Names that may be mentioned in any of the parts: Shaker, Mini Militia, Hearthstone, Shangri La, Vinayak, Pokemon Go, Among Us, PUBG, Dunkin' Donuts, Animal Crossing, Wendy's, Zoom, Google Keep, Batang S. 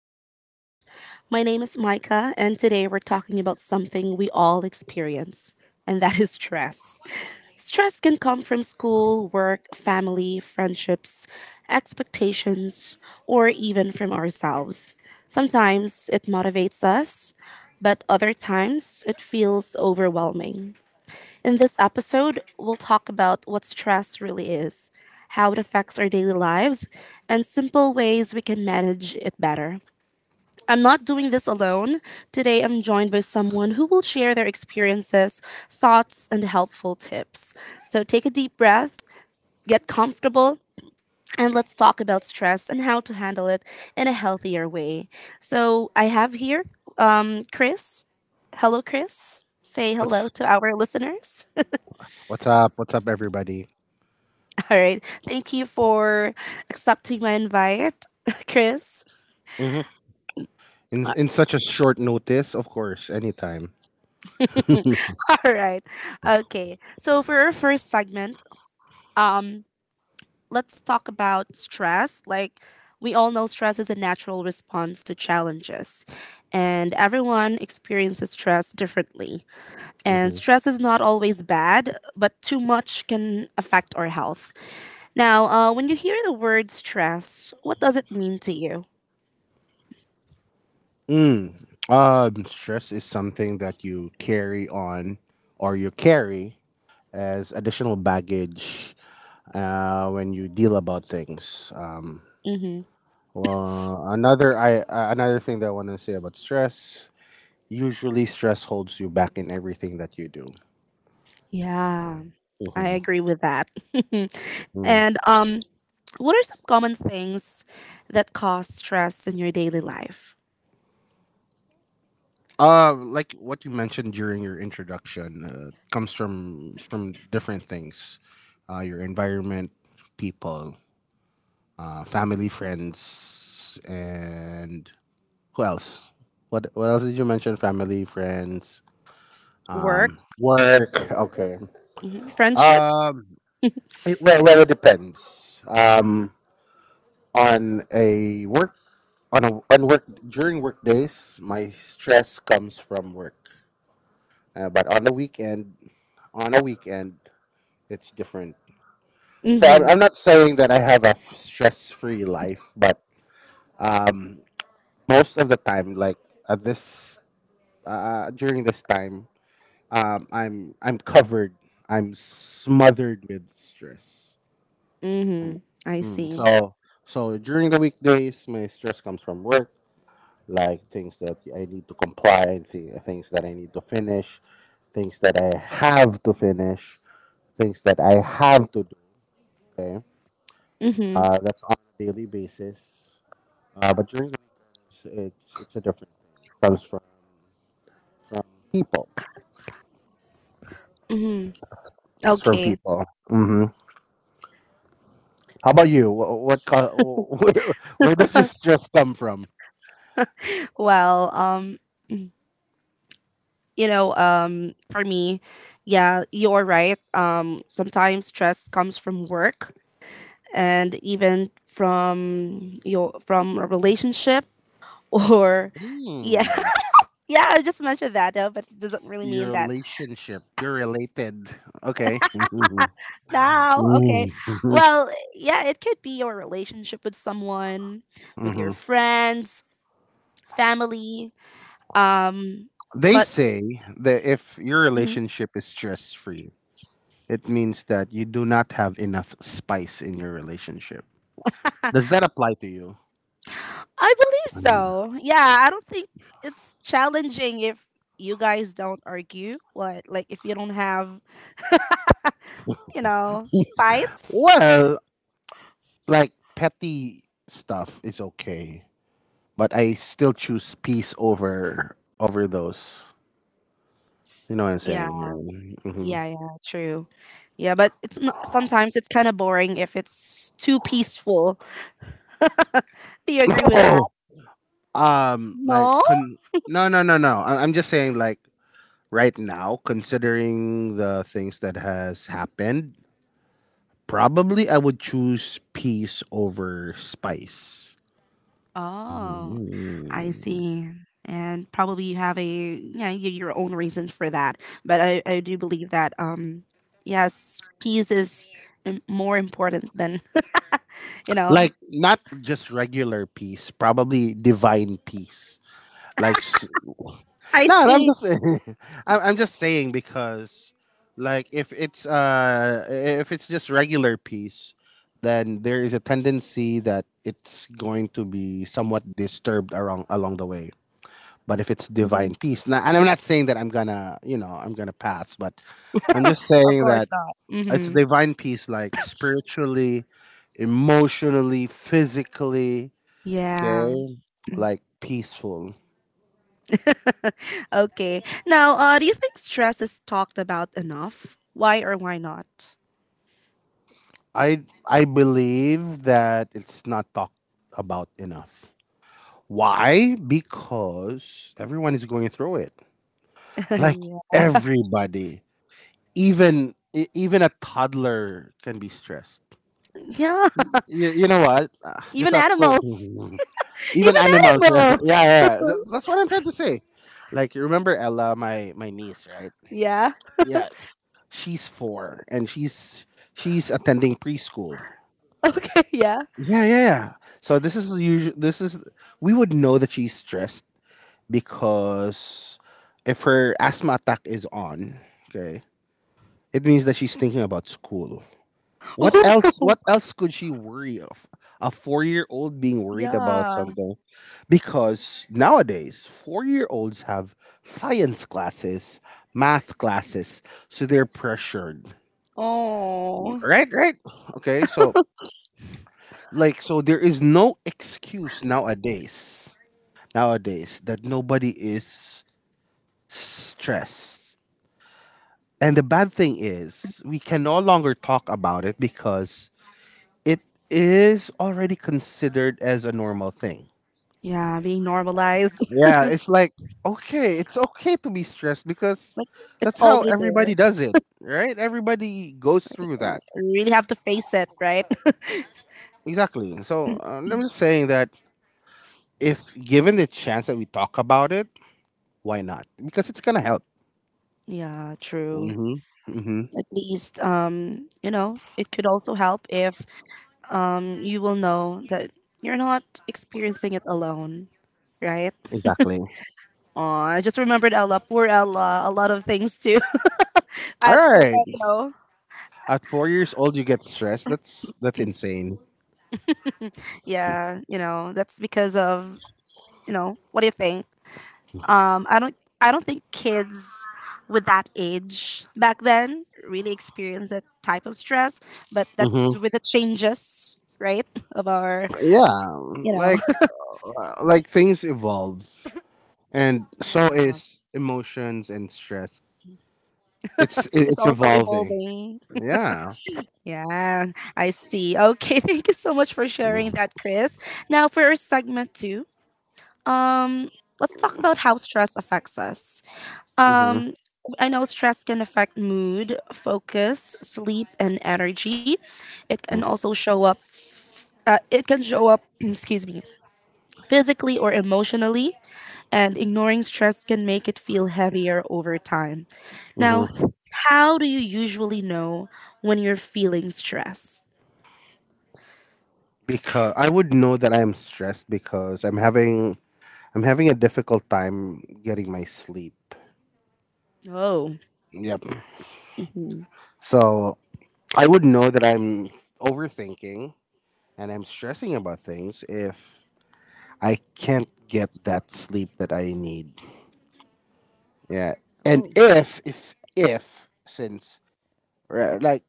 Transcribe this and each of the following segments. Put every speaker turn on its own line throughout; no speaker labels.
our podcast. My name is Micah, and today we're talking about something we all experience, and that is stress. Stress can come from school, work, family, friendships, expectations, or even from ourselves. Sometimes it motivates us, but other times it feels overwhelming. In this episode, we'll talk about what stress really is, how it affects our daily lives, and simple ways we can manage it better. I'm not doing this alone. Today, I'm joined by someone who will share their experiences, thoughts, and helpful tips. So take a deep breath, get comfortable, and let's talk about stress and how to handle it in a healthier way. So I have here Chris. Hello, Chris. Say hello
What's
to our listeners.
what's up? What's up, everybody?
All right. Thank you for accepting my invite, Chris.
hmm In
All
in such a short notice, of course, anytime.
right. Okay. So for our first segment, um, let's talk about stress. Like we all know stress is a natural response to challenges, and everyone experiences stress differently. And
hmm
stress is not always bad, but too much can affect our health. Now, when you hear the word stress, what does it mean to you?
Mm. Stress is something that you carry on, or you carry as additional baggage when you deal about things.
Mm-hmm.
Another thing that I want to say about stress: usually, stress holds you back in everything that you do.
Yeah, I
Mm-hmm.
agree with that. And what are some common things that cause stress in your daily life?
Like what you mentioned during your introduction, comes from different things, your environment, people, family, friends, and who else? What else did you mention? Family, friends,
Work,
work. Okay.
hmm, friendships.
Um, well, it depends. On a work on a on work during work days, my stress comes from work. But on a weekend, it's different. So I'm,
Mm-hmm.
I'm not saying that I have a stress free life, but um, most of the time, like at this during this time, I'm covered. I'm smothered with stress.
Mm-hmm. I
Mm,
see.
so so during the weekdays, my stress comes from work, like things that I need to comply, and things that I need to finish, things that I have to finish, things that I have to do. Okay.
Mm-hmm.
That's on a daily basis. But during the week, it's a different thing. It comes from people.
Mm-hmm.
It's from
Okay.
people. How about you? What co- Where does this stress come from?
Well, you know, for me, yeah, you're right. Sometimes stress comes from work and even from your from a relationship or yeah.
Hmm.
Yeah, I just mentioned that though, but it doesn't really
Your
mean that
relationship. You're related. Okay.
now. Okay.
hmm
Well, yeah, it could be your relationship with someone, with your friends, family. Um,
They
but
say that if your
Mhm.
relationship is stress free, it means that you do not have enough spice in your relationship. Does that apply to you?
I believe so. Yeah, I don't think it's challenging if you guys don't argue. What, like if you don't have, you know, fights?
Well, like petty stuff is okay, but I still choose peace over those. You know what I'm
Yeah,
saying?
yeah, yeah, true. Yeah, but it's not, sometimes it's kind of boring if it's too peaceful. Do you agree with that?
Oh, um, like
No?
con- no, no, no, no. I'm just saying, like right now, considering the things that has happened, probably I would choose peace over spice.
Oh, I
Mm.
see. And probably you have a yeah your own reasons for that, but I do believe that yes, peace is more important than you know.
Like not just regular peace, probably divine peace. Like s-
I
No, no, I'm
see.
just I'm just saying because, like, if it's just regular peace, then there is a tendency that it's going to be somewhat disturbed around along the way. But if it's
Mhm.
divine peace, now, and I'm not saying that I'm gonna, you know, I'm gonna pass, but I'm just
Of
saying
course
that
not.
it's
Hmm.
divine peace, like spiritually, emotionally, physically, okay,
Yeah.
like peaceful.
Okay. Now, do you think stress is talked about enough? Why or why not?
I believe that it's not talked about enough. Why? Because everyone is going through it. Like
Yeah.
everybody, even even a toddler can be stressed.
Yeah.
You know what? Just
Even
a quick.
animals.
Even
Even
animals. Yeah,
animals.
yeah, yeah. That's what I'm trying to say. Like you remember Ella, my niece, right?
Yeah.
Yeah, she's four and she's attending preschool.
Yeah.
Yeah, yeah, yeah. So this is, we would know that she's stressed because if her asthma attack is on, okay, it means that she's thinking about school. What else? What
Oh.
else could she worry of? A four-year-old being worried about
Yeah.
something, because nowadays four-year-olds have science classes, math classes, so they're pressured.
Oh,
Right, right. Okay, so so there is no excuse nowadays that nobody is stressed. And the bad thing is, we can no longer talk about it because it is already considered as a normal thing.
yeah, being normalized.
Yeah, it's like, okay, it's okay to be stressed because
Like it's
that's how
already there.
everybody does it, right? Everybody goes
Like,
through that.
you really have to face it, right?
Exactly. So I'm just saying that if given the chance that we talk about it, why not? Because it's going to help.
Yeah, true.
Mm-hmm. Mm-hmm.
At least, you know, it could also help if you will know that you're not experiencing it alone, right?
Exactly. All
Oh, I just remembered Ella, poor Ella, a lot of things too. At four,
right.
you know,
At 4 years old, you get stressed. That's insane.
yeah, you know, that's because of you know, what do you think? Um, I don't I don't think kids with that age back then really experienced that type of stress, but that's
hmm
with the changes, right? Of our,
Yeah,
you know,
like like things evolve, and so
yeah,
is emotions and stress. It's
it's
it's
also
evolving.
evolving.
Yeah.
Yeah, I see. Okay, thank you so much for sharing that, Chris. Now for our segment two, um, let's talk about how stress affects us.
hmm
Um, I know stress can affect mood, focus, sleep, and energy. It can also show up. It can show up, excuse me, physically or emotionally, and ignoring stress can make it feel heavier over time. Now,
hmm
how do you usually know when you're feeling stress?
Because I would know that I am stressed because I'm having a difficult time getting my sleep.
Oh.
Yep.
Hmm.
So I would know that I'm overthinking and I'm stressing about things if I can't get that sleep that I need. Yeah. And
Oh.
if, since, right, like,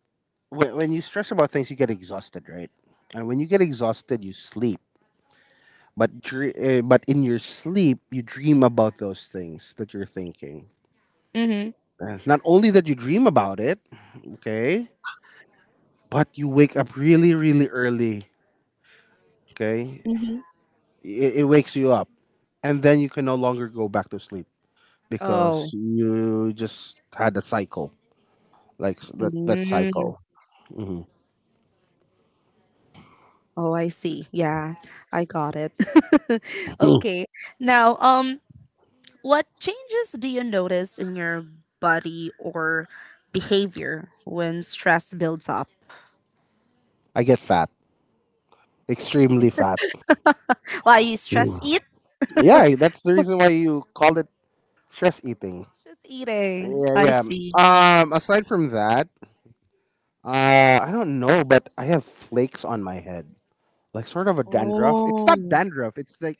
when you stress about things, you get exhausted, right? And when you get exhausted, you sleep. But but in your sleep, you dream about those things that you're thinking.
Mm-hmm.
Not only that you dream about it, okay, but you wake up really, really early, okay?
Mm-hmm.
It wakes you up. And then you can no longer go back to sleep
Oh.
because you just had a cycle. That
Mm.
cycle.
Oh, I see. Yeah, I got it. Okay. Now, what changes do you notice in your body or behavior when stress builds up?
I get fat, extremely fat.
Why you stress
Mm.
eat?
Yeah, that's the reason why you call it stress eating.
Stress eating.
Yeah,
I
yeah.
see.
Aside from that, I don't know, but I have flakes on my head, like sort of a dandruff. It's not
Oh.
dandruff. It's like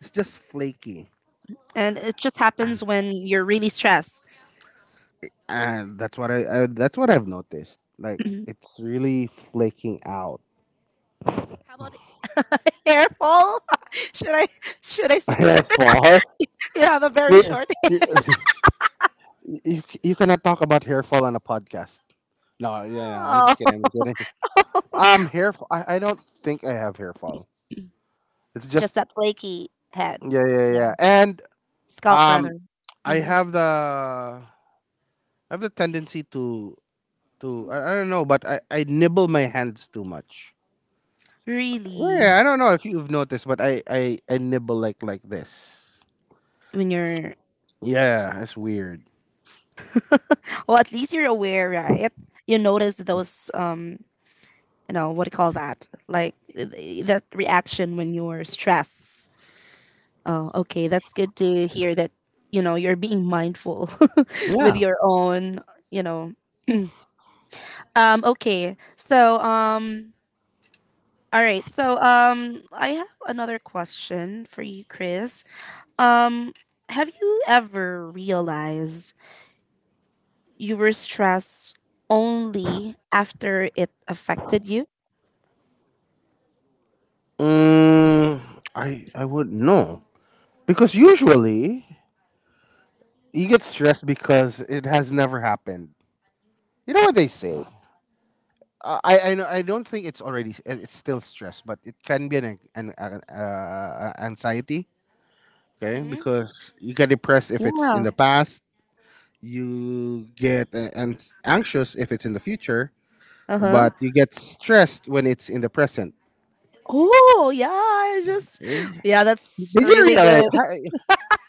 it's just flaky,
And it just happens when you're really stressed.
and that's what I that's what I've noticed. Like it's really flaking out.
How about it? Careful. should I should I say
Hair fall.
you have a very
You,
short
you cannot talk about hair fall on a podcast. No, yeah, no, I'm just kidding. I'm
Oh.
just kidding. Hair. I don't think I have hair fall. It's
Just
just
that flaky head.
yeah, yeah, yeah. And
Scalp brother.
um,
Mhm.
I have the tendency I don't know, but I nibble my hands too much. Well,
Really.
yeah, I don't know if you've noticed, but I nibble like this.
When you're
Yeah, that's weird.
well at least you're aware, right? You notice those you know what do you call that like that reaction when you're stressed. Oh, okay, that's good to hear that. You know, you're being mindful with
Yeah.
your own, you know. um okay so um all right, so I have another question for you, Chris. Um, have you ever realized you were stressed only after it affected you?
Mm, I wouldn't know because usually you get stressed because it has never happened. You know what they say? I know. I don't think it's it's still stress, but it can be an anxiety. Okay,
Mm-hmm.
because you get depressed if it's in
Yeah.
the past. You get anxious if it's in the future,
Uh-huh.
but you get stressed when it's in the present.
Oh, yeah, it's just
Eh,
yeah, that's
Did you
really
realize?
good.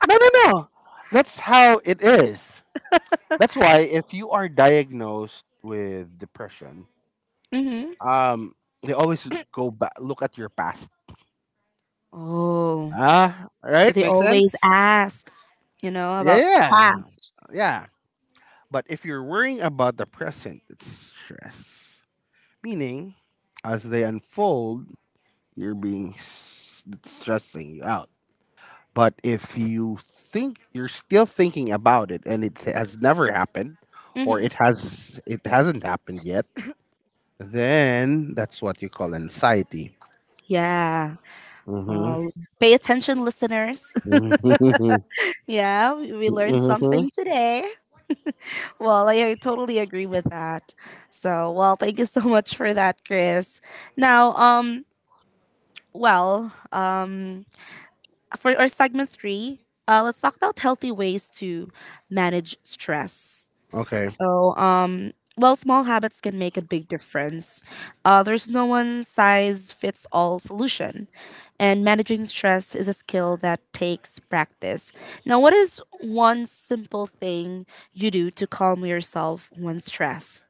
No, no, no. That's how it is. That's why if you are diagnosed with depression,
Hmm.
um, they always go back, look at your past.
Oh,
Ah,
so
right?
they
Makes
always
sense?
ask, you know,
Yeah,
about
yeah.
past.
Yeah, but if you're worrying about the present, it's stress. Meaning, as they unfold, it's stressing you out. But if you think you're still thinking about it and it has never happened, or
Hmm.
it hasn't happened yet, then that's what you call anxiety.
Yeah.
Mm-hmm.
Well, pay attention, listeners. Yeah, we learned
Mm-hmm.
something today. Well, I totally agree with that. So, well, thank you so much for that, Chris. Now, well, for our segment three, let's talk about healthy ways to manage stress.
Okay.
So, well, small habits can make a big difference. There's no one size fits all solution. And managing stress is a skill that takes practice. Now, what is one simple thing you do to calm yourself when stressed?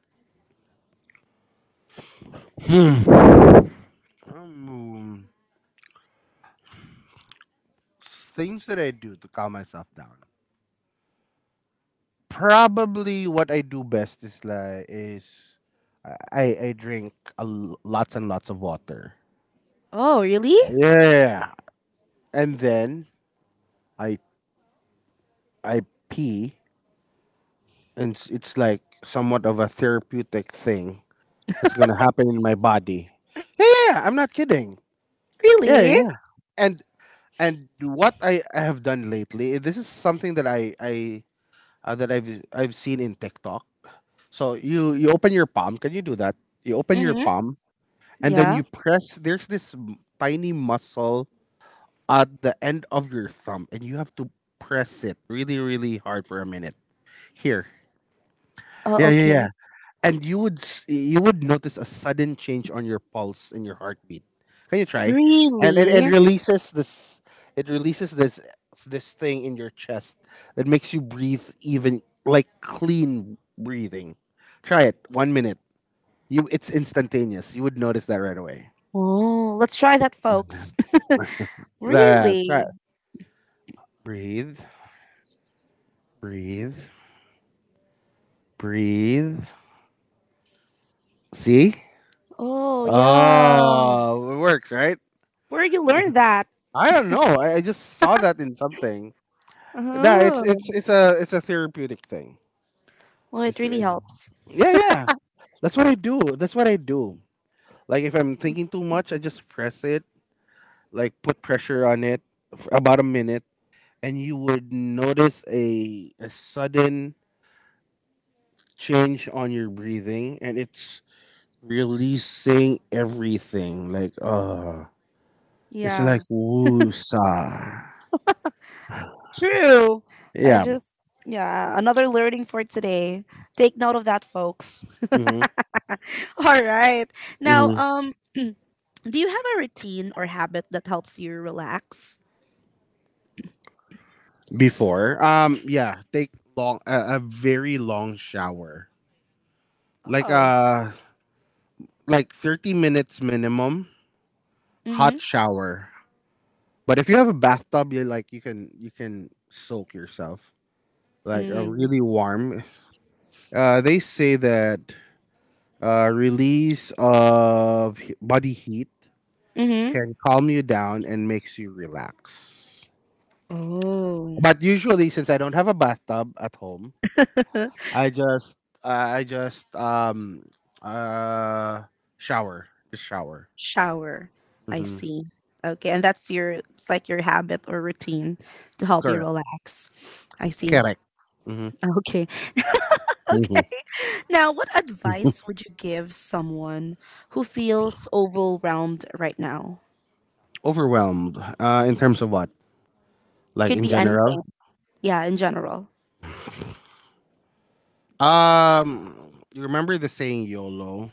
Hmm. Um, things that I do to calm myself down. Probably what I do best is I drink lots and lots of water.
Oh, really?
Yeah, and then I I pee, and it's like somewhat of a therapeutic thing that's gonna happen in my body. Yeah, yeah, yeah, I'm not kidding. Yeah, yeah,
Really?
yeah. And I have done lately, this is something that I that I've seen in TikTok. So you open your palm. Can you do that? You open your
Mm-hmm.
palm and then
Yeah.
you press, there's this tiny muscle at the end of your thumb, and you have to press it really really hard for a minute here.
Oh,
Yeah, yeah,
okay.
yeah. And you would notice a sudden change on your pulse and your heartbeat. Can you try? And and
Really?
releases this, it releases this this thing in your chest that makes you breathe even like clean breathing. Try it 1 minute, you, it's instantaneous, you would notice that right away.
Oh, let's try that, folks.
That try
Really?
Breathe, breathe, breathe. See?
Oh, yeah.
Oh, it works, right?
Where you learn that?
I don't know. I just saw that in something. Nah,
Uh-huh.
it's a therapeutic thing.
Well, it
It's, uh,
really helps.
yeah, yeah. That's what I do. That's what I do. Like if I'm thinking too much, I just press it, like put pressure on it for about a minute, and you would notice a sudden change on your breathing, and it's releasing everything. Like, it's like
Yeah.
woosa.
True. I
Yeah.
just, yeah, another learning for today. Take note of that, folks.
hmm
All right. Now,
hmm
do you have a routine or habit that helps you relax?
Before, yeah, take a very long shower, like
Oh.
uh, like 30 minutes minimum. Hot
Mm-hmm.
shower, but if you have a bathtub, you can soak yourself like a
Mm-hmm.
really warm. They say that release of body heat
Mm-hmm.
can calm you down and makes you relax.
Oh.
But usually, since I don't have a bathtub at home, I just I just uh shower. Just shower.
Shower. I
hmm
see. Okay, and that's your it's like your habit or routine to help you
Correct.
relax. I see.
Correct. hmm
Okay. Okay.
hmm
Now, what advice would you give someone who feels overwhelmed right now?
Overwhelmed. In terms of what? Like
Could
in
be
general.
anything. Yeah, in general.
You remember the saying YOLO?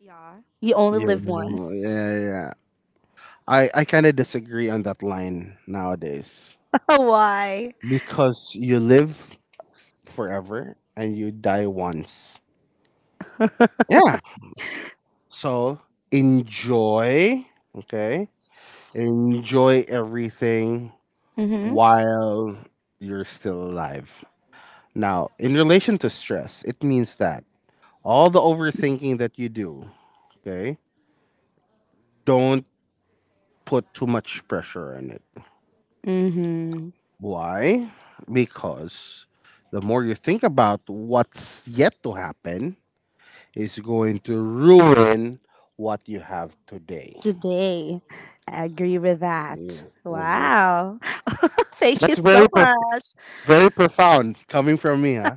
Yeah. You only
Yeah,
live once.
yeah, yeah. I kind of disagree on that line nowadays
Why?
because you live forever and you die once. Yeah. So enjoy. Okay. Enjoy everything
Mm-hmm.
while you're still alive. Now, in relation to stress, it means that all the overthinking that you do, okay, don't put too much pressure on it.
Mm-hmm.
Why? Because the more you think about what's yet to happen is going to ruin what you have today.
Today. I agree with that.
Mm-hmm.
Wow. Thank you
That's
so
very prof-
much.
Very profound coming from me, huh?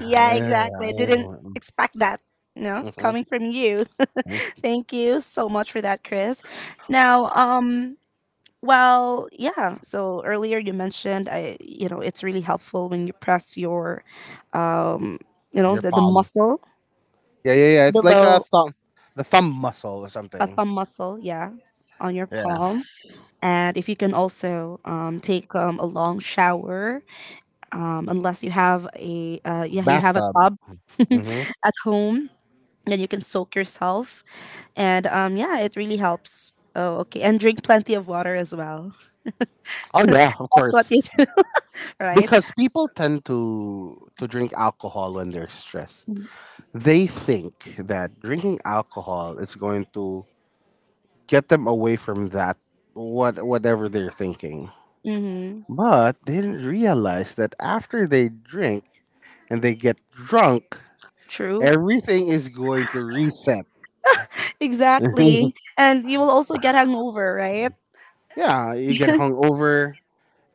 Yeah, exactly. I didn't expect that, you know, coming from you.
Mhm.
Thank you so much for that, Chris. Now, well, yeah. So earlier you mentioned I you know, it's really helpful when you press your, you know,
Your
the
palm.
muscle
Yeah, yeah, yeah. It's like a
below
thumb, the thumb muscle or
a
something.
thumb muscle, yeah, on your
Yeah.
palm. And if you can also take a long shower, unless you have a yeah you have a tub
hmm
at home, then you can soak yourself, and yeah, it really helps. Oh, okay, and drink plenty of water as well.
Oh yeah, of
That's what you
course.
right.
Because people tend to drink alcohol when they're stressed. They think that drinking alcohol is going to get them away from that what whatever they're thinking.
Mm-hmm.
But they didn't realize that after they drink and they get drunk,
True.
everything is going to reset.
Exactly. And you will also get hangover, right?
Yeah, you get hungover,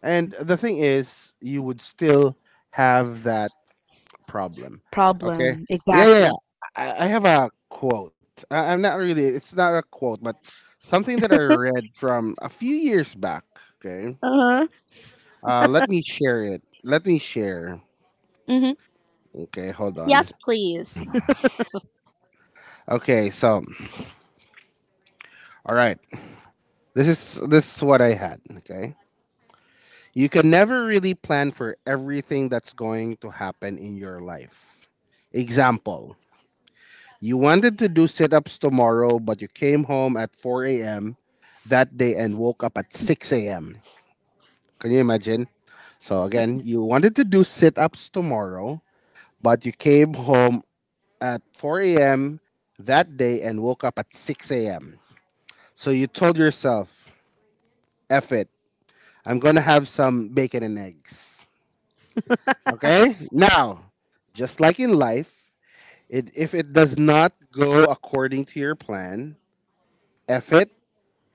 and the thing is, you would still have that problem. Okay.
Problem.
Yeah, yeah,
Exactly.
yeah. I have a quote. I'm not really, it's not a quote, but something that I read from a few years back. Okay.
Uh huh.
Let me share it. Let me share.
Mm-hmm.
Okay, hold on.
Yes, please.
Okay, so, all right. This is what I had. Okay. You can never really plan for everything that's going to happen in your life. Example: you wanted to do sit-ups tomorrow, but you came home at 4 a.m. that day and woke up at 6 a.m. Can you imagine? So again, you wanted to do sit-ups tomorrow, but you came home at 4 a.m. that day and woke up at 6 a.m. So you told yourself, F it, I'm gonna have some bacon and eggs. Okay? Now, just like in life, if it does not go according to your plan, F it,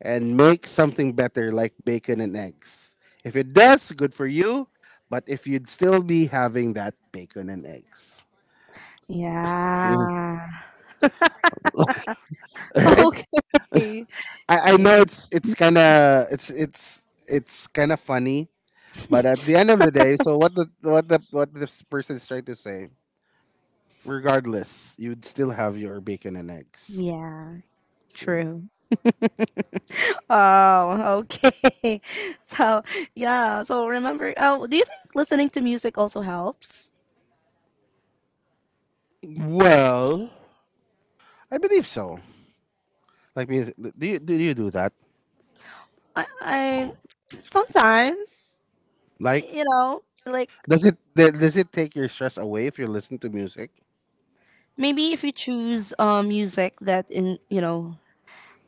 and make something better like bacon and eggs. If it does, good for you. But if you'd still be having that bacon and eggs, Mhm.
Yeah.
Right?
Okay.
I
Yeah.
know it's kind of funny, but at the end of the day, so what this person is trying to say, regardless, you'd still have your bacon and eggs.
Yeah. True. Oh, okay. So, yeah. So remember. Oh, do you think listening to music also helps?
Well, I believe so. Like, music, do you do that?
I sometimes,
Like,
you know, like
does it take your stress away if you listen to music?
maybe if you choose music that in you know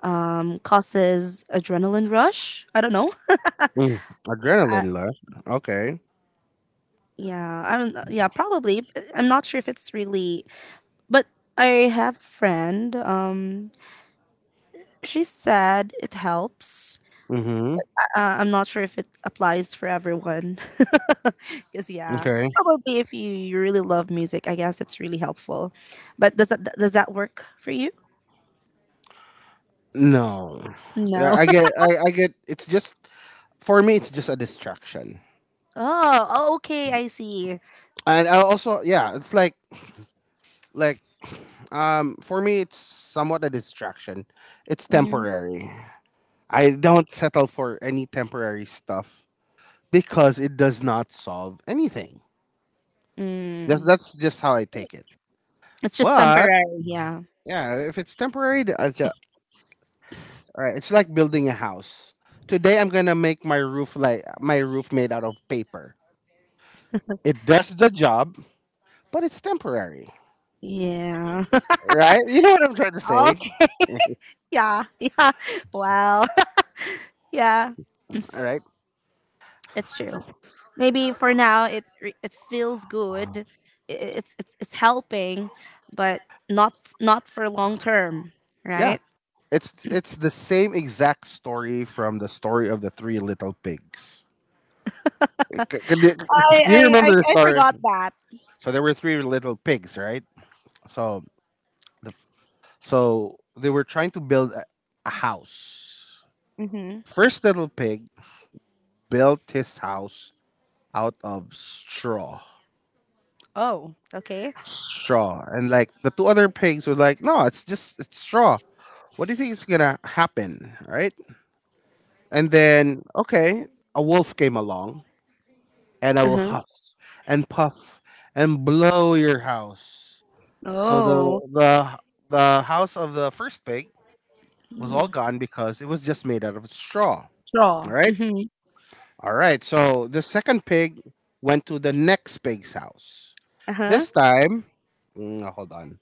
causes adrenaline rush. I don't know.
Mm, adrenaline rush. Okay.
Yeah, I'm yeah, probably. I'm not sure if it's really but I have a friend. Um, she said it helps.
Mm-hmm.
I'm not sure if it applies for everyone. Cuz yeah,
Okay.
probably if you, you really love music, I guess it's really helpful. But does that work for you?
No.
No.
Yeah, I get. It's just for me. It's just a distraction.
Oh, oh okay, I see.
And I also, yeah, it's like, for me, it's somewhat a distraction. It's
Hmm.
temporary. I don't settle for any temporary stuff because it does not solve anything. That's
Mm.
that's just how I take it.
It's just
But
temporary, yeah.
yeah, if it's temporary, th- I all right, it's like building a house. Today I'm gonna make my roof like my roof made out of paper. It does the job, but it's temporary.
Yeah.
Right? You know what I'm trying to say?
Okay. Yeah, yeah. Wow. Yeah,
All right.
it's true. Maybe for now it it feels good. It's it's helping, but not not for long term,
Yeah.
right?
It's the same exact story from the story of the three little pigs. Do
I
you
I I,
remember the
I
story?
forgot that.
So there were three little pigs, right? So the, they were trying to build a house.
Mm-hmm.
First little pig built his house out of straw.
Oh, okay.
Straw. And like the two other pigs were like, no, it's straw. What do you think is gonna happen? Right? And then okay, a wolf came along and I
Uh
will
huh.
huff and puff and blow your house. So
Oh,
the the house of the first pig was all
Mm.
gone because it was just made out of straw. All
Straw.
right?
Mm-hmm.
All right. So the second pig went to the next pig's house.
Uh huh.
This time, hold on.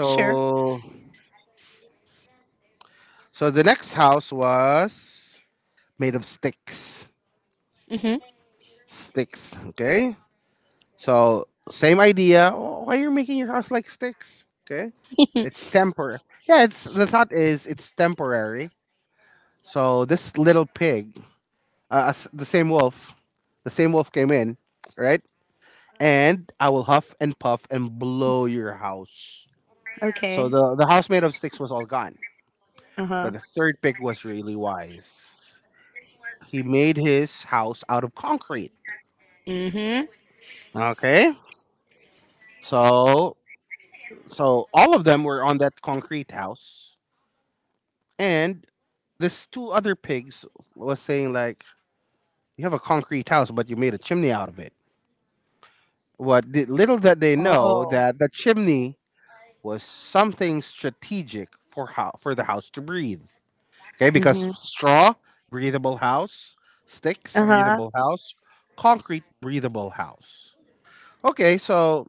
Sure.
So the next house was made of sticks.
Mm-hmm.
Sticks, okay? So same idea. Oh, why are you making your house like sticks? Okay? It's temporary. Yeah, it's the thought is it's temporary. So this little pig, uh, uh, s- the same wolf, the same wolf came in, right? And I will huff and puff and blow your house. So
Okay.
the house made of sticks was all gone.
Uh huh.
But the third pig was really wise. He made his house out of concrete.
Mm-hmm.
Okay. So so all of them were on that concrete house, and this two other pigs was saying like, "You have a concrete house, but you made a chimney out of it." What the, little that they know
Oh.
that the chimney was something strategic for how for the house to breathe. Okay, because
Mm-hmm.
straw breathable house, sticks
Uh huh.
breathable house, concrete breathable house. Okay, so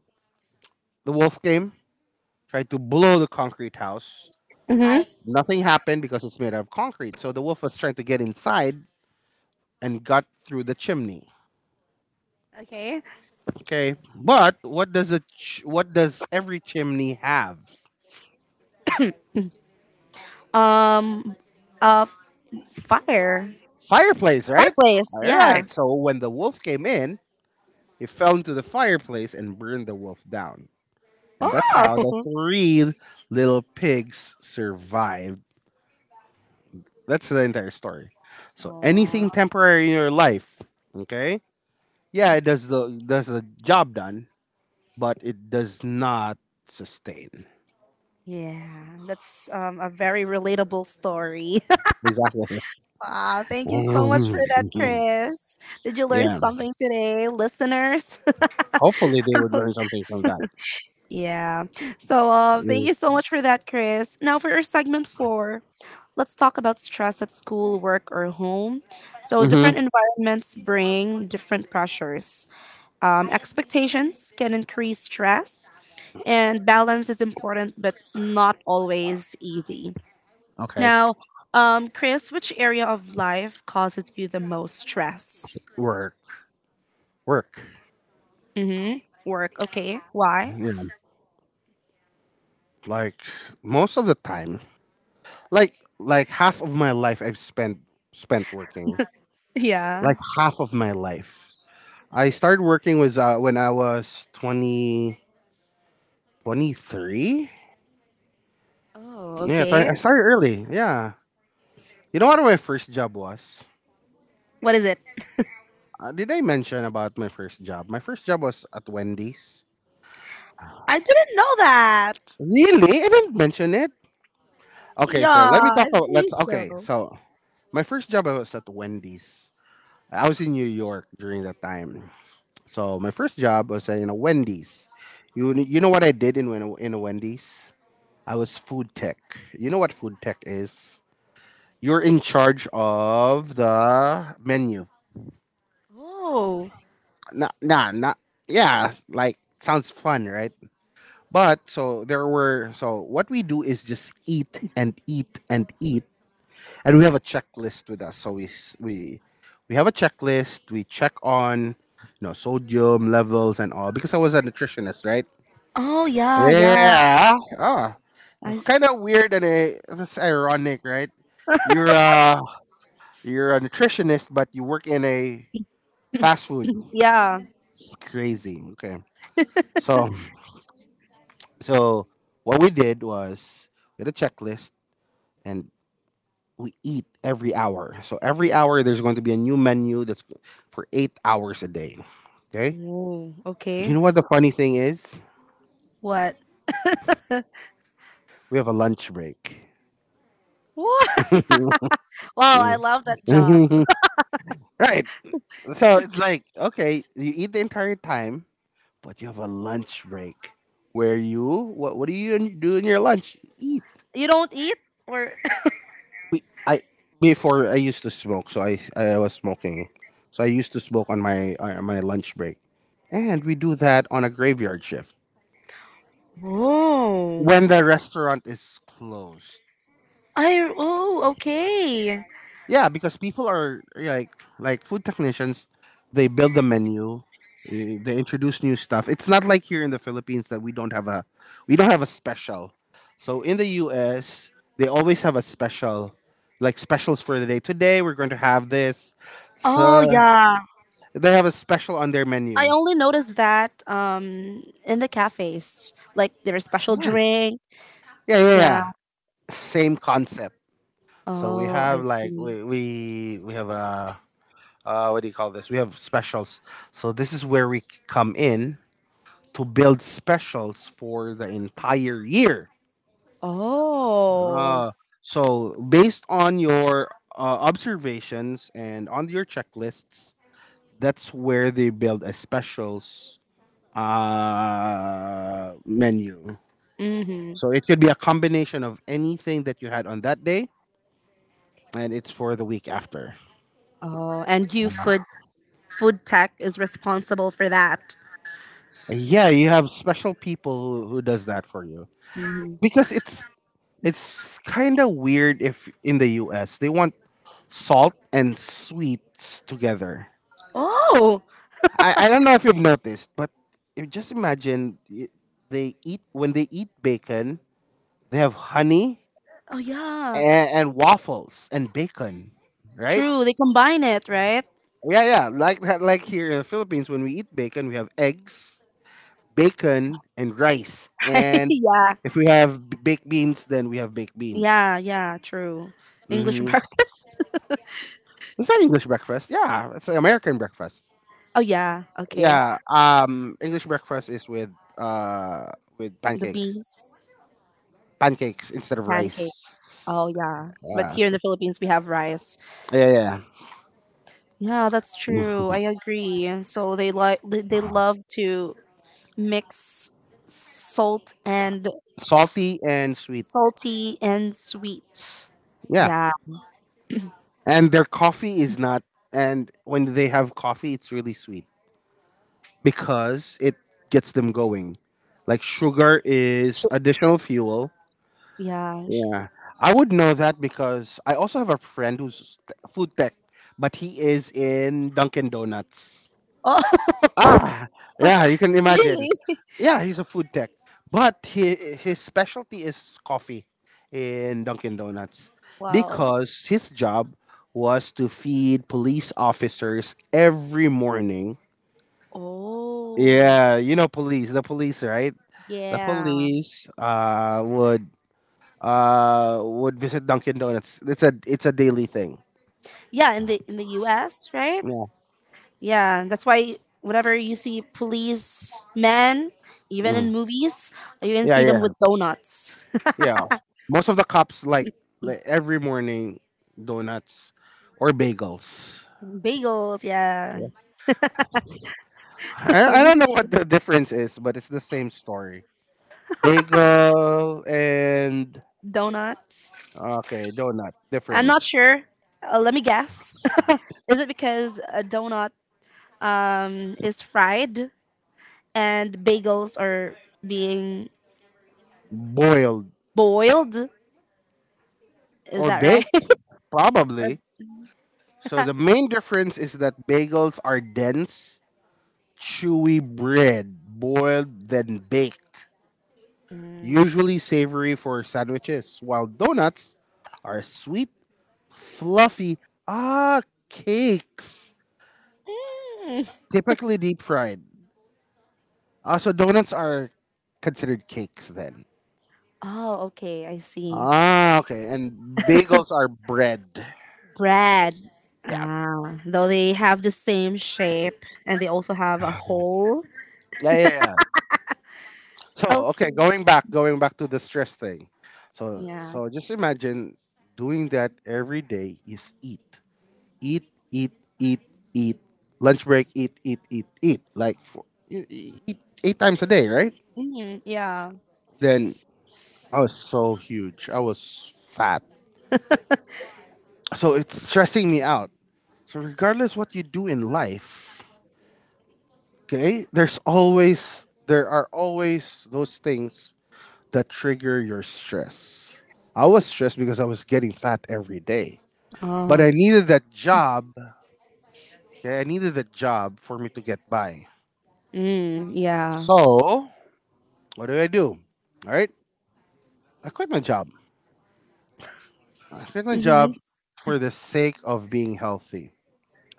the wolf came, tried to blow the concrete house,
Mm-hmm.
nothing happened because it's made out of concrete. So the wolf was trying to get inside and got through the chimney.
Okay.
Okay, but what does every chimney have?
Um. Uh. Fire.
Fireplace, right?
Fireplace.
All
Yeah.
right. So when the wolf came in, it fell into the fireplace and burned the wolf down. And that's how the
Oh.
three little pigs survived. That's the entire story. So anything
Aw.
temporary in your life, okay? Yeah, it does the job done, but it does not sustain.
Yeah. That's a very relatable story.
Exactly.
Ah, thank you so much for that, Chris. Did you learn
Yeah.
something today, listeners?
Hopefully, they would learn something from that.
Yeah. So thank you so much for that, Chris. Now for our segment four. Let's talk about stress at school, work, or home. So, different
Mm-hmm.
environments bring different pressures. Expectations can increase stress, and balance is important, but not always easy.
Okay.
Now, Chris, which area of life causes you the most stress?
Work, work.
Mm-hmm. Work. Okay. Why?
Yeah. Like most of the time, like half of my life I've spent working.
Yeah.
Like half of my life. I started working was when I was 20 23.
Oh,
Yeah, 20,
okay.
I started early. Yeah. You know what my first job was?
What is it?
Did I mention about my first job? My first job was at Wendy's.
I didn't know that.
Really? I didn't mention it. Okay, so
Yeah,
let me talk
I
about
believe
let's
so.
okay, so my first job was at Wendy's. I was in New York during that time. So my first job was in a Wendy's. You know what I did in in a Wendy's? I was food tech. You know what food tech is? You're in charge of the menu.
Oh.
Nah, nah, nah. Yeah, like sounds fun, right? But so there were so what we do is just eat and eat and eat, and we have a checklist with us. So we have a checklist. We check on you know sodium levels and all because I was a nutritionist, right?
Oh yeah, yeah.
Yeah. Oh,
I
kind
s-
of weird and a that's ironic, right? You're a you're a nutritionist, but you work in a fast food.
yeah.
It's crazy. Okay. So so what we did was we had a checklist, and we eat every hour. So every hour there's going to be a new menu that's for 8 hours a day. Okay.
Oh,
You
okay.
know what the funny thing is?
What?
We have a lunch break.
What? Wow, I love that job.
Mm. Right. So it's like okay, you eat the entire time, but you have a lunch break where you what do you do in your lunch? Eat.
You don't eat or
I before I used to smoke, so I was smoking, so I used to smoke on my lunch break, and we do that on a graveyard shift.
Oh.
When the restaurant is closed.
I oh, okay.
Yeah, because people are like food technicians, they build the menu, eh, they introduce new stuff. It's not like here in the Philippines that we don't have a special. So in the US, they always have a special like specials for the day. Today we're going to have this.
Oh
So
yeah.
they have a special on their
I
menu.
only noticed that in the cafes. Like there's special
Yeah.
drink.
Yeah, yeah,
Yeah.
yeah. Same concept. So we
Oh, I
have like
see.
we have a what do you call this? We have specials. So this is where come in to build specials for the entire year.
Oh.
Uh, so based on your observations and on your checklists, that's where they build a specials menu.
Mm-hmm.
So it could be a combination of anything that you had on that day, and it's for the week after.
Oh, and you food food tech is responsible for that.
Yeah, you have special people who does that for you
Hmm.
because it's kind of weird if in the US they want salt and sweets together.
Oh.
I don't know if you've noticed, but just imagine they eat when they eat bacon, they have honey
Oh yeah.
and waffles and bacon, right?
True. They combine it, right?
Yeah, yeah, like that. Like here in the Philippines, when we eat bacon, we have eggs, bacon, and rice. And
Yeah.
if we have baked beans, then we have baked
Yeah,
beans.
yeah, true. English
Hmm.
breakfast.
Is that English breakfast? Yeah, it's an American breakfast.
Oh yeah, okay.
Yeah, English breakfast is uh with
The
pancakes,
beans,
pancakes instead of
pancakes. Oh
rice.
yeah. But
Yeah,
here in the Philippines we have rice.
yeah,
Yeah, that's true.
yeah.
I agree. So they like they love to mix salt and
Salty and sweet.
salty and sweet.
Yeah,
Yeah.
and their coffee is not. And when they have coffee, it's really sweet because it gets them going. Like sugar is additional fuel.
Yeah.
Yeah, I would know that because I also have a friend food tech, but he is in Dunkin' Donuts.
Oh,
Ah, yeah, you can imagine.
really?
Yeah, he's a food tech, but his specialty is coffee in Dunkin' Donuts
Wow.
because his job was to feed police officers every morning.
Oh.
Yeah, you know the police, right? The
Yeah.
police would visit Dunkin' Donuts. It's a daily thing.
Yeah, in the US, right?
Yeah,
Yeah, that's why whenever you see policemen, even in
mm.
movies, you can
Yeah,
see them
yeah.
with donuts,
Yeah, most of the cops like every morning donuts or bagels.
bagels. Yeah,
Yeah. I don't know
that's
what the difference is, but it's the same story. Bagel and
donuts.
okay, donut
I'm not
difference.
sure. Let me guess. Is it because a donut is fried and bagels are being
Boiled
boiled? Is
or
that right?
baked
Or-
probably. So the main difference is that bagels are dense, chewy bread, boiled then baked,
Mm.
usually savory for sandwiches, while donuts are sweet, fluffy ah cakes,
Mm.
typically deep fried. Ah, so donuts are considered cakes then.
Oh, okay, I see.
Ah, okay, and bagels are bread.
Bread.
Yeah.
Ah, though they have the same shape and they also have a hole.
Yeah, yeah, yeah. So, okay,
Okay.
going back to the stress thing. So,
Yeah.
so just imagine doing that every day is eat, eat, eat, eat, eat. Lunch break, eat, eat, eat, eat. Like you eat eight times a day, right?
hmm Yeah.
Then I was so huge. I was fat, so it's stressing me out. So regardless what you do in life, okay, there are always those things that trigger your stress. I was stressed because I was getting fat every day. But I
Oh.
needed that job. Okay, I needed that job for me to get by.
Mm, yeah.
So what did I do? All right, I quit my job. I quit my
Mm-hmm.
job for the sake of being healthy,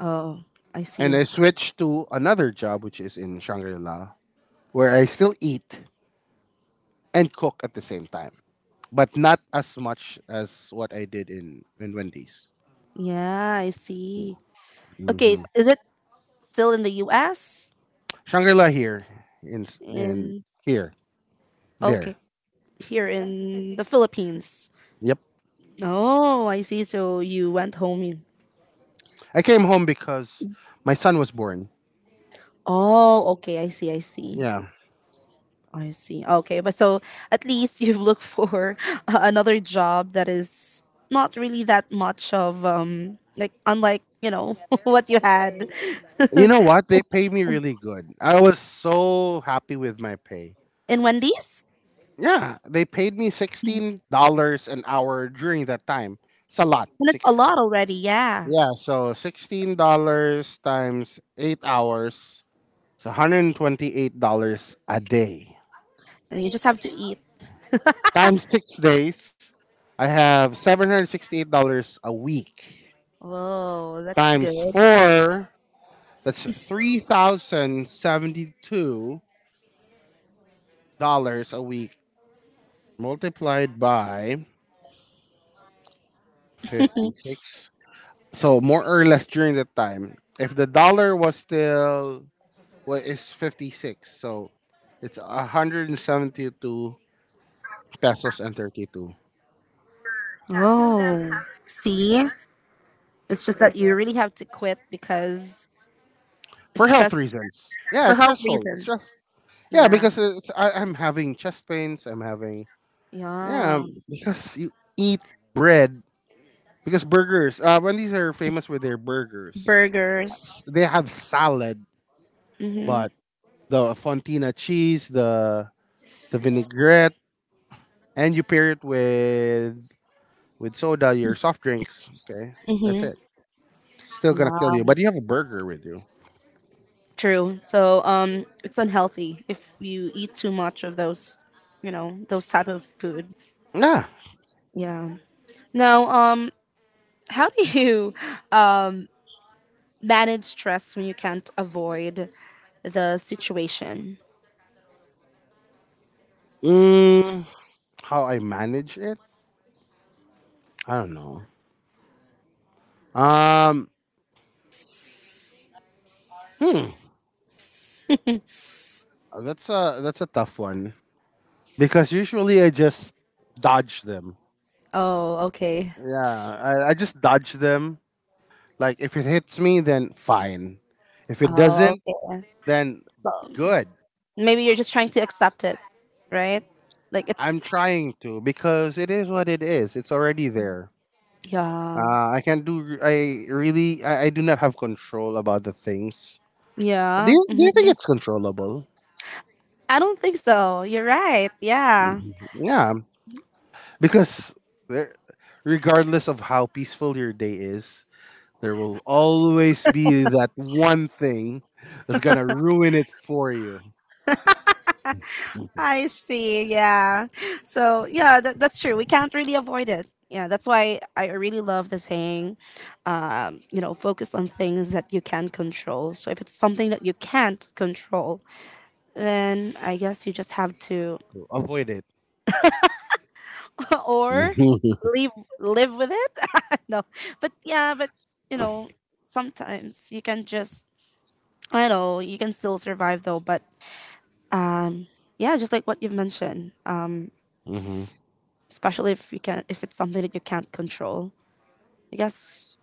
Oh, I
and
see.
I switched to another job, which is in Shangri La, where I still eat and cook at the same time, but not as much as what I did in Wendy's.
Yeah, I see. Okay,
Hmm.
is it still in the U.S.?
Shangri La here in
In
here there.
Okay, here in the Philippines.
Yep,
Oh, I see. So you went home.
I came home because my son was born.
Oh, okay. I see. I see.
Yeah,
I see. Okay, but so at least you've looked for another job that is not really that much of like unlike what you had
you know what? They paid me really good. I was so happy with my pay.
in Wendy's,
Yeah, they paid me $16 an hour during that time. It's a lot.
and it's a
Six.
lot already. Yeah,
Yeah, so $16 times 8 hours, it's $128 a day.
and you just have to eat.
Times 6 days, I have $768 a week.
Whoa, that's
Times
good.
four, that's $3,072 a week, multiplied by 56. So more or less during that time, if the dollar was still, well, it's 56. So it's 172 pesos and 32.
Oh, see, it's just that you really have to quit because
For
it's
health
stress
reasons. Yeah,
for
it's
health
stressful. It's stressful.
reasons.
Yeah,
Yeah,
because I'm having chest pains. I'm having, yeah,
yeah,
because you eat bread, because burgers. Wendy's are famous with their burgers.
burgers.
They have salad,
Mhm,
but the fontina cheese, the vinaigrette, and you pair it with soda, your soft drinks. Okay, that's
mhm.
it. Still gonna
Yeah.
kill you, but you have a burger with you.
True. So it's unhealthy if you eat too much of those, those type of food.
Yeah.
Yeah. Now, how do you um manage stress when you can't avoid the situation?
Mm, how I manage it? I don't know. Um, hmm, that's a tough one, because usually I just dodge them.
Oh, okay.
Yeah, I just dodge them. Like if it hits me, then fine. If it
Oh,
doesn't,
okay.
then
So
good.
maybe you're just trying to accept it, right? Like it's,
I'm trying to, because it is what it is. It's already there.
yeah,
I can't do. I really. I do not have control about the things. Do
yeah.
you, do you
hmm
think it's controllable?
I don't think so. You're right. Yeah.
Mhm. Yeah, because there, regardless of how peaceful your day is, there will always be that one thing that's gonna ruin it for you.
I see. Yeah. So yeah, that's true. We can't really avoid it. Yeah, that's why I really love the saying, you know, focus on things that you can control. So if it's something that you can't control, then I guess you just have to
So avoid it.
or live live with it. no, but yeah, but you know, sometimes you can just I know you can still survive though. But yeah, just like what you've mentioned,
hmm
especially if you can if it's something that you can't control. I guess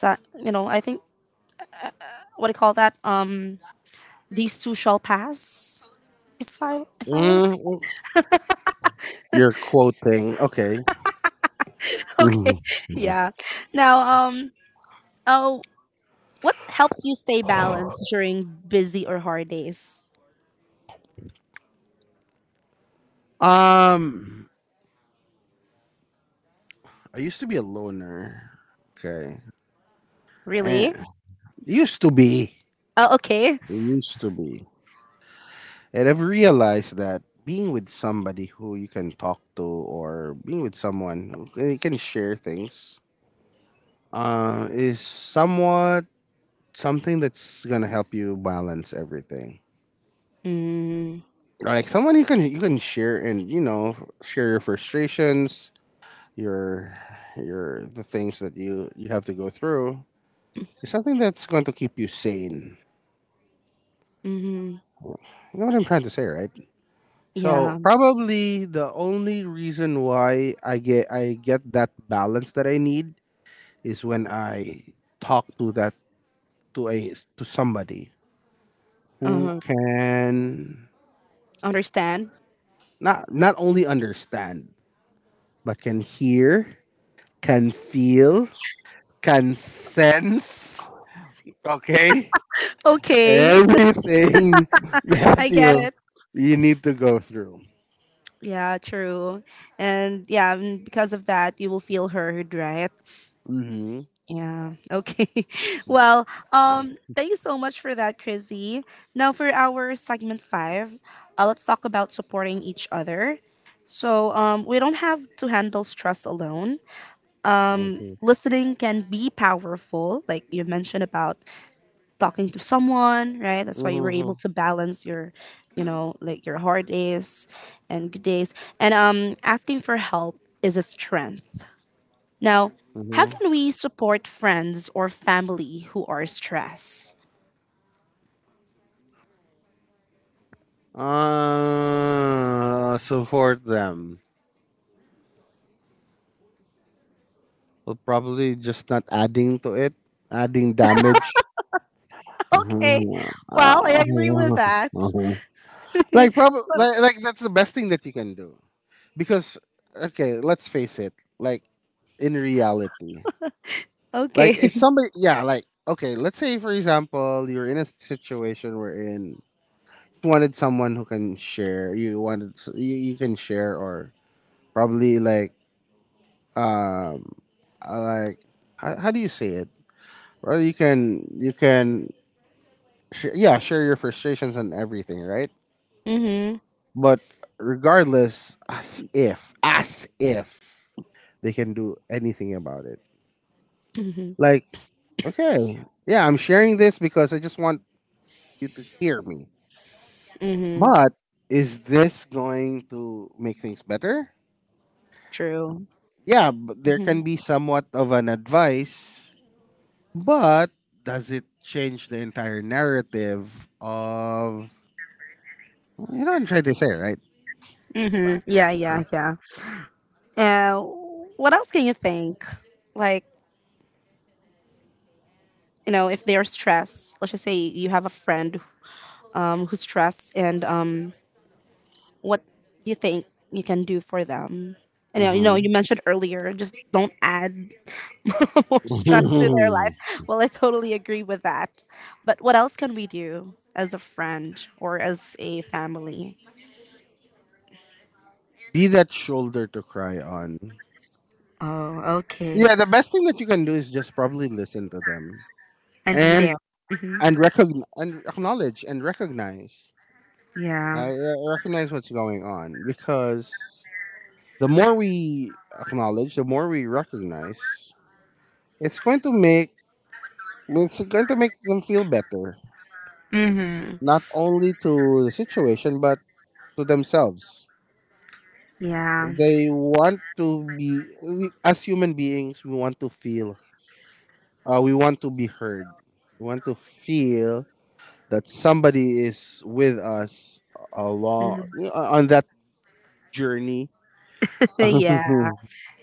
that you know. I think what do you call that? These two shall pass. If I was
mm You're quoting. Okay.
okay,
Mhm.
yeah. Now, um, oh, what helps you stay balanced during busy or hard days?
Um, I used to be a loner. Okay.
Really?
And used to be.
Oh, okay.
Used to be. And I've realized that being with somebody who you can talk to, or being with someone who you can share things, is somewhat something that's gonna help you balance everything.
Mm,
Like someone you can share, and you know, share your frustrations, your the things that you have to go through. It's something that's going to keep you sane.
mm-hmm.
You know what I'm trying to say, right?
Yeah.
So probably the only reason why I get that balance that I need is when I talk to that to a to somebody who
Uh-huh.
can
Understand.
not only understand, but can hear, can feel, can sense, okay?
Okay,
Everything that
I get
you
it.
need to go through.
Yeah, true. And yeah, mm, because of that, you will feel heard, right?
Mm-hmm.
Yeah. Okay. Well, thanks so much for that, Chrissy. Now for our segment five, let's talk about supporting each other. So, we don't have to handle stress alone.
Mm-hmm.
Listening can be powerful, like you mentioned about talking to someone, right? That's why you were able
Mm-hmm.
to balance your, you know, like your hard days and good days. And asking for help is a strength now, how
Mm-hmm.
can we support friends or family who are stressed?
Support them. Well, probably just not adding to it, adding damage.
Okay.
Uh-huh.
Well, I agree with
Uh
that.
huh. Like, probably,
Well,
that's the best thing that you can do, because, okay, let's face it, like in reality, like
okay.
if somebody, yeah, like okay, let's say for example, you're in a situation where in wanted someone who can share, you wanted you, can share, or probably um uh, like how, do you say it, or you can yeah, share your frustrations and everything, right?
Mm-hmm.
But regardless, as if they can do anything about it,
Mm-hmm.
like okay. Yeah, I'm sharing this because I just want you to hear me.
Mm-hmm.
But is this going to make things better?
True.
Yeah, but there
Mm-hmm.
can be somewhat of an advice, but does it change the entire narrative of, well, you know what I'm trying to say, right?
Mm-hmm. Yeah,
Yeah.
yeah, yeah. Uh, what else can you think? Like, you know, if they are stressed, let's just say you have a friend who's stressed, and what you think you can do for them. You
hmm
mentioned earlier, just don't add more stress to their life. Well, I totally agree with that. But what else can we do as a friend or as a family?
be that shoulder to cry on.
Oh, okay.
Yeah, the best thing that you can do is just probably listen to them
And be there.
and
Hmm
recognize and acknowledge and recognize
Yeah.
I recognize what's going on, because the more we acknowledge, the more we recognize, it's going to make it's going to make them feel better,
Mm-hmm.
not only to the situation but to themselves.
Yeah.
They want to be, we, as human beings, we want to feel. We want to be heard. We want to feel that somebody is with us along on that journey.
yeah.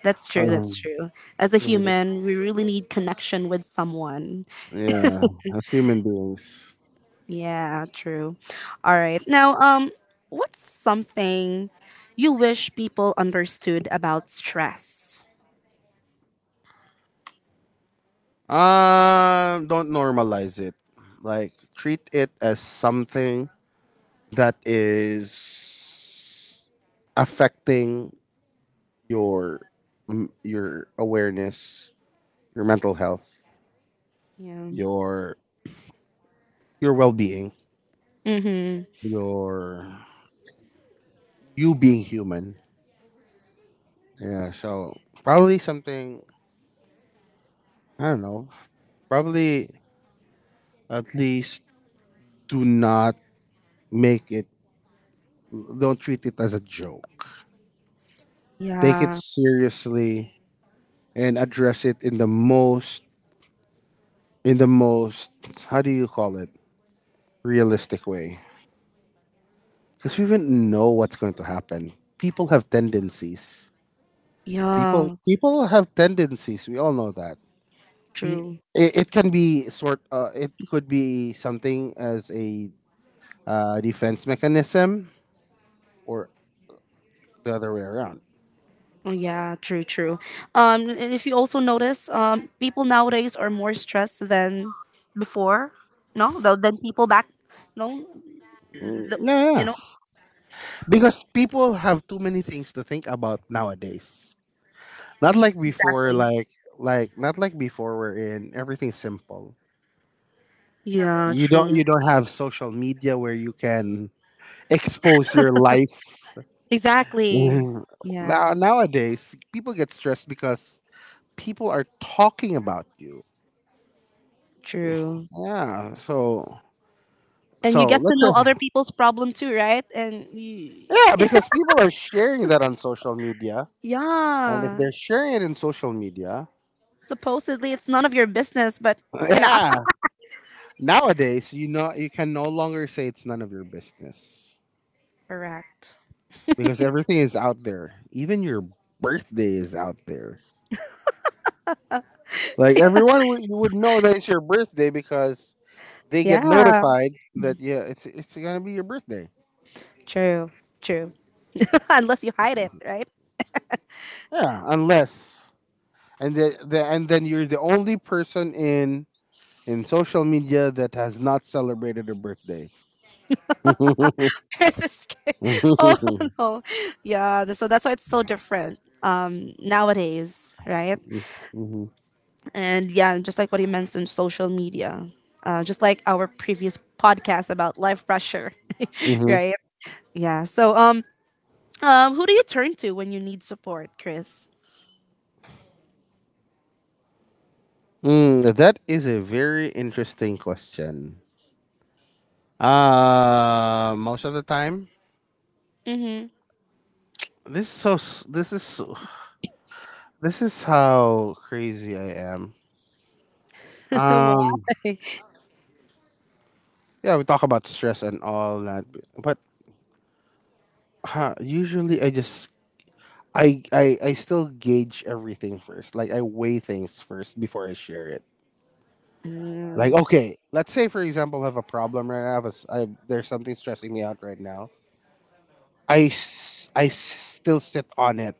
That's true. That's true. As a
Uh-huh.
human, we really need connection with someone.
Yeah, as human beings.
Yeah, true. All right. Now, what's something you wish people understood about stress?
Don't normalize it. Like treat it as something that is affecting your your awareness, your mental health,
Yeah.
your well-being,
Mm-hmm.
your you being human. Yeah, so probably something, I don't know. Probably at least do not make it, don't treat it as a joke. Take it
Yeah.
seriously and address it in the most in the most how do you call it, realistic way, because we wouldn't know what's going to happen. People have tendencies,
Yeah,
people have tendencies, we all know that. We,
true.
it can be sort, it could be something as a, defense mechanism, or the other way around.
Oh yeah, true, true. And if you also notice, people nowadays are more stressed than before. No, than people back. No,
Mm,
the,
yeah
you
yeah.
know
Because people have too many things to think about nowadays. Not like before,
exactly.
like not like before. We're in, everything's simple.
Yeah,
You don't,
true.
you don't have social media where you can expose your life.
Exactly.
Mm.
Yeah,
Nowadays people get stressed because people are talking about you.
true.
Yeah. So
And you get to
let's say,
know other people's problem too, right? And you,
yeah, because people are sharing that on social media, and if they're
yeah,
sharing it in social media,
supposedly it's none of your business, but you know.
yeah, nowadays, you know, you can no longer say it's none of your business,
correct.
because everything is out there. Even your birthday is out there. Like everyone would, you would know that it's your birthday because they get
Yeah.
notified that, yeah, it's gonna be your birthday.
True. True. unless you hide it, right?
Yeah, unless, and the and then you're the only person in social media that has not celebrated a birthday.
This ki- oh
hmm
no, yeah. So that's why it's so different nowadays, right?
hmm
And yeah, just like what you mentioned, social media, just like our previous podcast about life pressure, right? Yeah. So who do you turn to when you need support, Chris?
Mm, that is a very interesting question. Most of the time,
Mm-hmm.
this is so, this is how crazy I am.
wow.
Um, yeah, we talk about stress and all that, but usually I just I still gauge everything first. Like I weigh things first before I share it. Like
Mm-hmm.
okay, let's say for example, I have a problem right now. I have a s I there's something stressing me out right now. I s- I s- still sit on it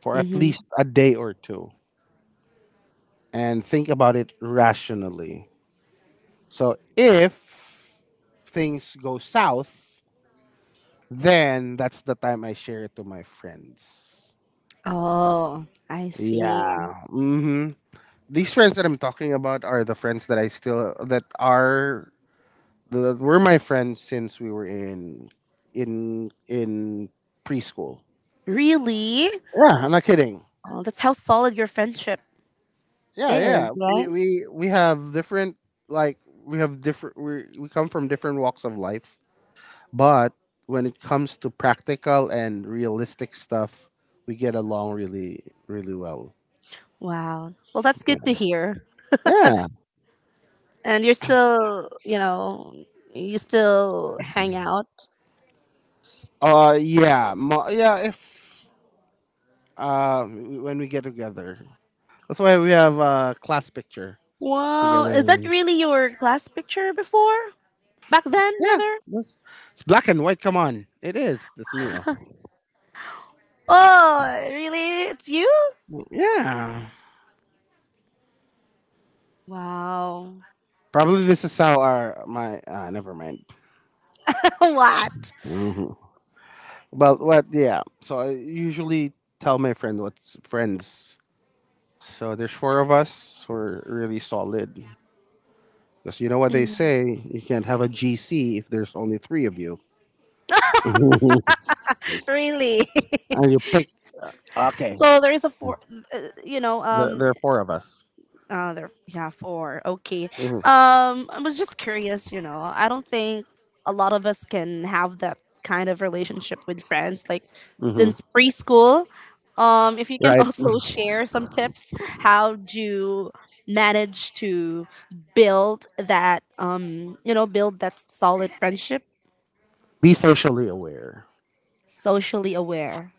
for at least a day or two and think about it rationally. So if things go south, then that's the time I share it to my friends.
Oh, I see.
Yeah. Mm-hmm. These friends that I'm talking about are the friends that I still that are that were my friends since we were in in preschool.
Really?
Yeah, I'm not kidding.
Oh, that's how solid your friendship
Yeah, yeah.
is,
We
right?
we we have different, like we come from different walks of life, but when it comes to practical and realistic stuff, we get along really really well.
Wow. Well, that's good to hear.
Yeah.
And you're still, you know, you still hang out.
Yeah. If when we get together, that's why we have a class picture
Wow. Is that
together.
really your class picture before? Back then,
Yeah,
rather?
that's, it's black and white. Come on, it is this meal.
Oh, really? It's you?
Yeah,
Wow.
probably this is how our my, never mind.
what?
hmm But what? Yeah. So I usually tell my friends. So there's four of us. We're really solid. Because you know what they
Mhm.
say, you can't have a GC if there's only three of you. and
Really?
you pick. Okay.
so there is a four, you know,
There, there are four of us.
uh, there, yeah, four. Okay.
hmm
I was just curious. You know, I don't think a lot of us can have that kind of relationship with friends, like since
hmm
preschool. If you can
Right.
also share some tips, how do you manage to build that? You know, build that solid friendship,
Be socially aware.
socially aware.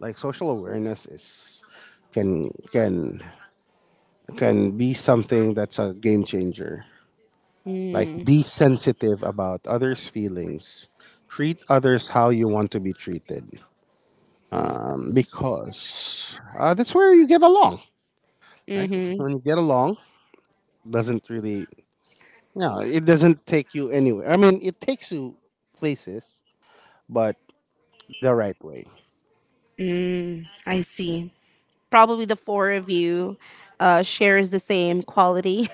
Like social awareness is can can can be something that's a game changer. Like
Mm.
be sensitive about others' feelings. Treat others how you want to be treated. Because that's where you get along. Like
Mm-hmm.
when you get along, doesn't really, no, it doesn't take you anywhere. I mean, it takes you places, but the right way.
Mm, I see. Probably the four of you shares the same quality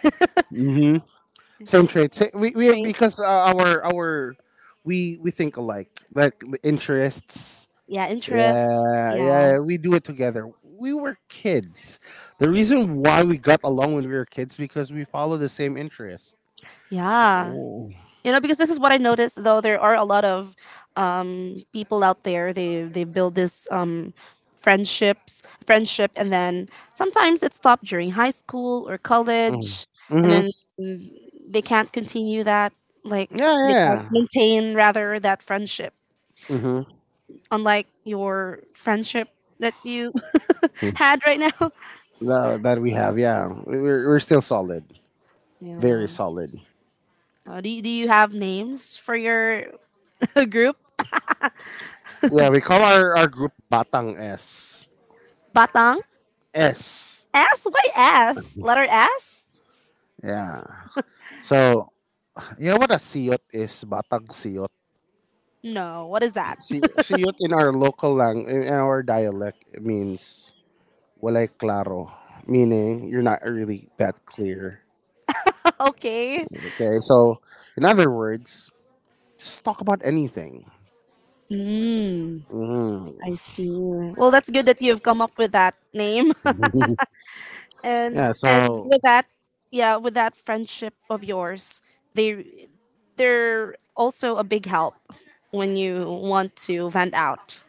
Same trade. We, because
traits.
our we think alike. Like the interests.
Yeah, interests.
Yeah,
Yeah.
yeah. We do it together. We were kids. The reason why we got along when we were kids because we follow the same interest.
Yeah.
Mm.
You know, because this is what I noticed though there are a lot of people out there they build this friendships, friendship and then sometimes it stopped during high school or college and
Mm-hmm.
then mm, they can't continue that like
Yeah,
they can't
yeah.
maintain rather that friendship
Mm-hmm.
unlike your friendship that you had right now.
That, that we have. Yeah, we're still solid. Very
Yeah.
solid.
Do you have names for your the group
Yeah, we call our group Batang S.
Batang?
S.
S? Why S? Letter S?
Yeah. So, you know what a siyot is? Batag siyot.
No, what is that?
Si Siyot in our local lang, in our dialect, it means walay claro, meaning you're not really that clear.
okay.
Okay, so in other words, just talk about anything.
Mm,
Mm.
I see. Well, that's good that you've come up with that name.
Yeah.
And
So
with that, yeah, with that friendship of yours, they they're also a big help when you want to vent out.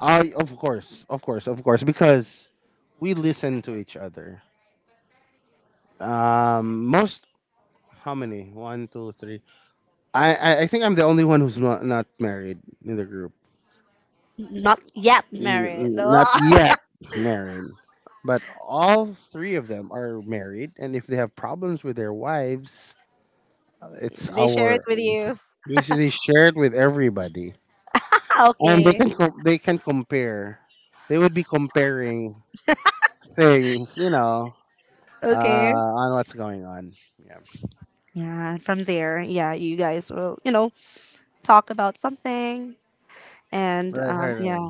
I, of course, because we listen to each other. Most, how many? One, two, three. I think I'm the only one who's not married in the group.
Not yet married.
Not yet married. But all three of them are married, and if they have problems with their wives, it's
they share it
our,
with you.
usually shared with everybody, and they
Okay.
can they can compare. They would be comparing things, you know, uh,
Okay.
on what's going on. Yeah,
Yeah, from there, yeah, you guys will, you know, talk about something. And
right, right,
yeah,
right.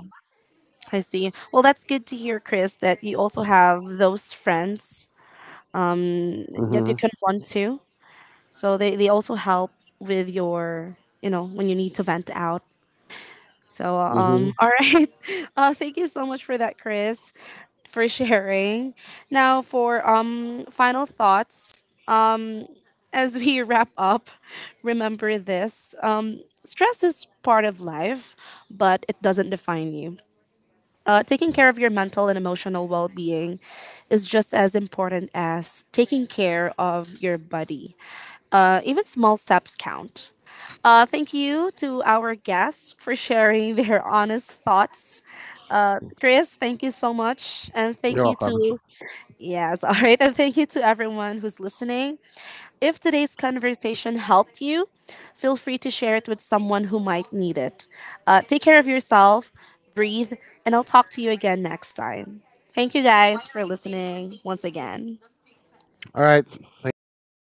I see. Well, that's good to hear, Chris, that you also have those friends that you
Mhm,
can run to. So they also help with your, you know, when you need to vent out. So,
mhm.
all right. Thank you so much for that, Chris, for sharing. Now, for final thoughts, as we wrap up, remember this stress is part of life, but it doesn't define you. Taking care of your mental and emotional well being is just as important as taking care of your body. Even small steps count. Thank you to our guests for sharing their honest thoughts. Chris, thank you so much. And
You're
thank you
welcome.
to, yes, all right. And thank you to everyone who's listening. If today's conversation helped you, feel free to share it with someone who might need it. Take care of yourself, breathe, and I'll talk to you again next time. Thank you guys for listening once again.
All right, thanks for having us.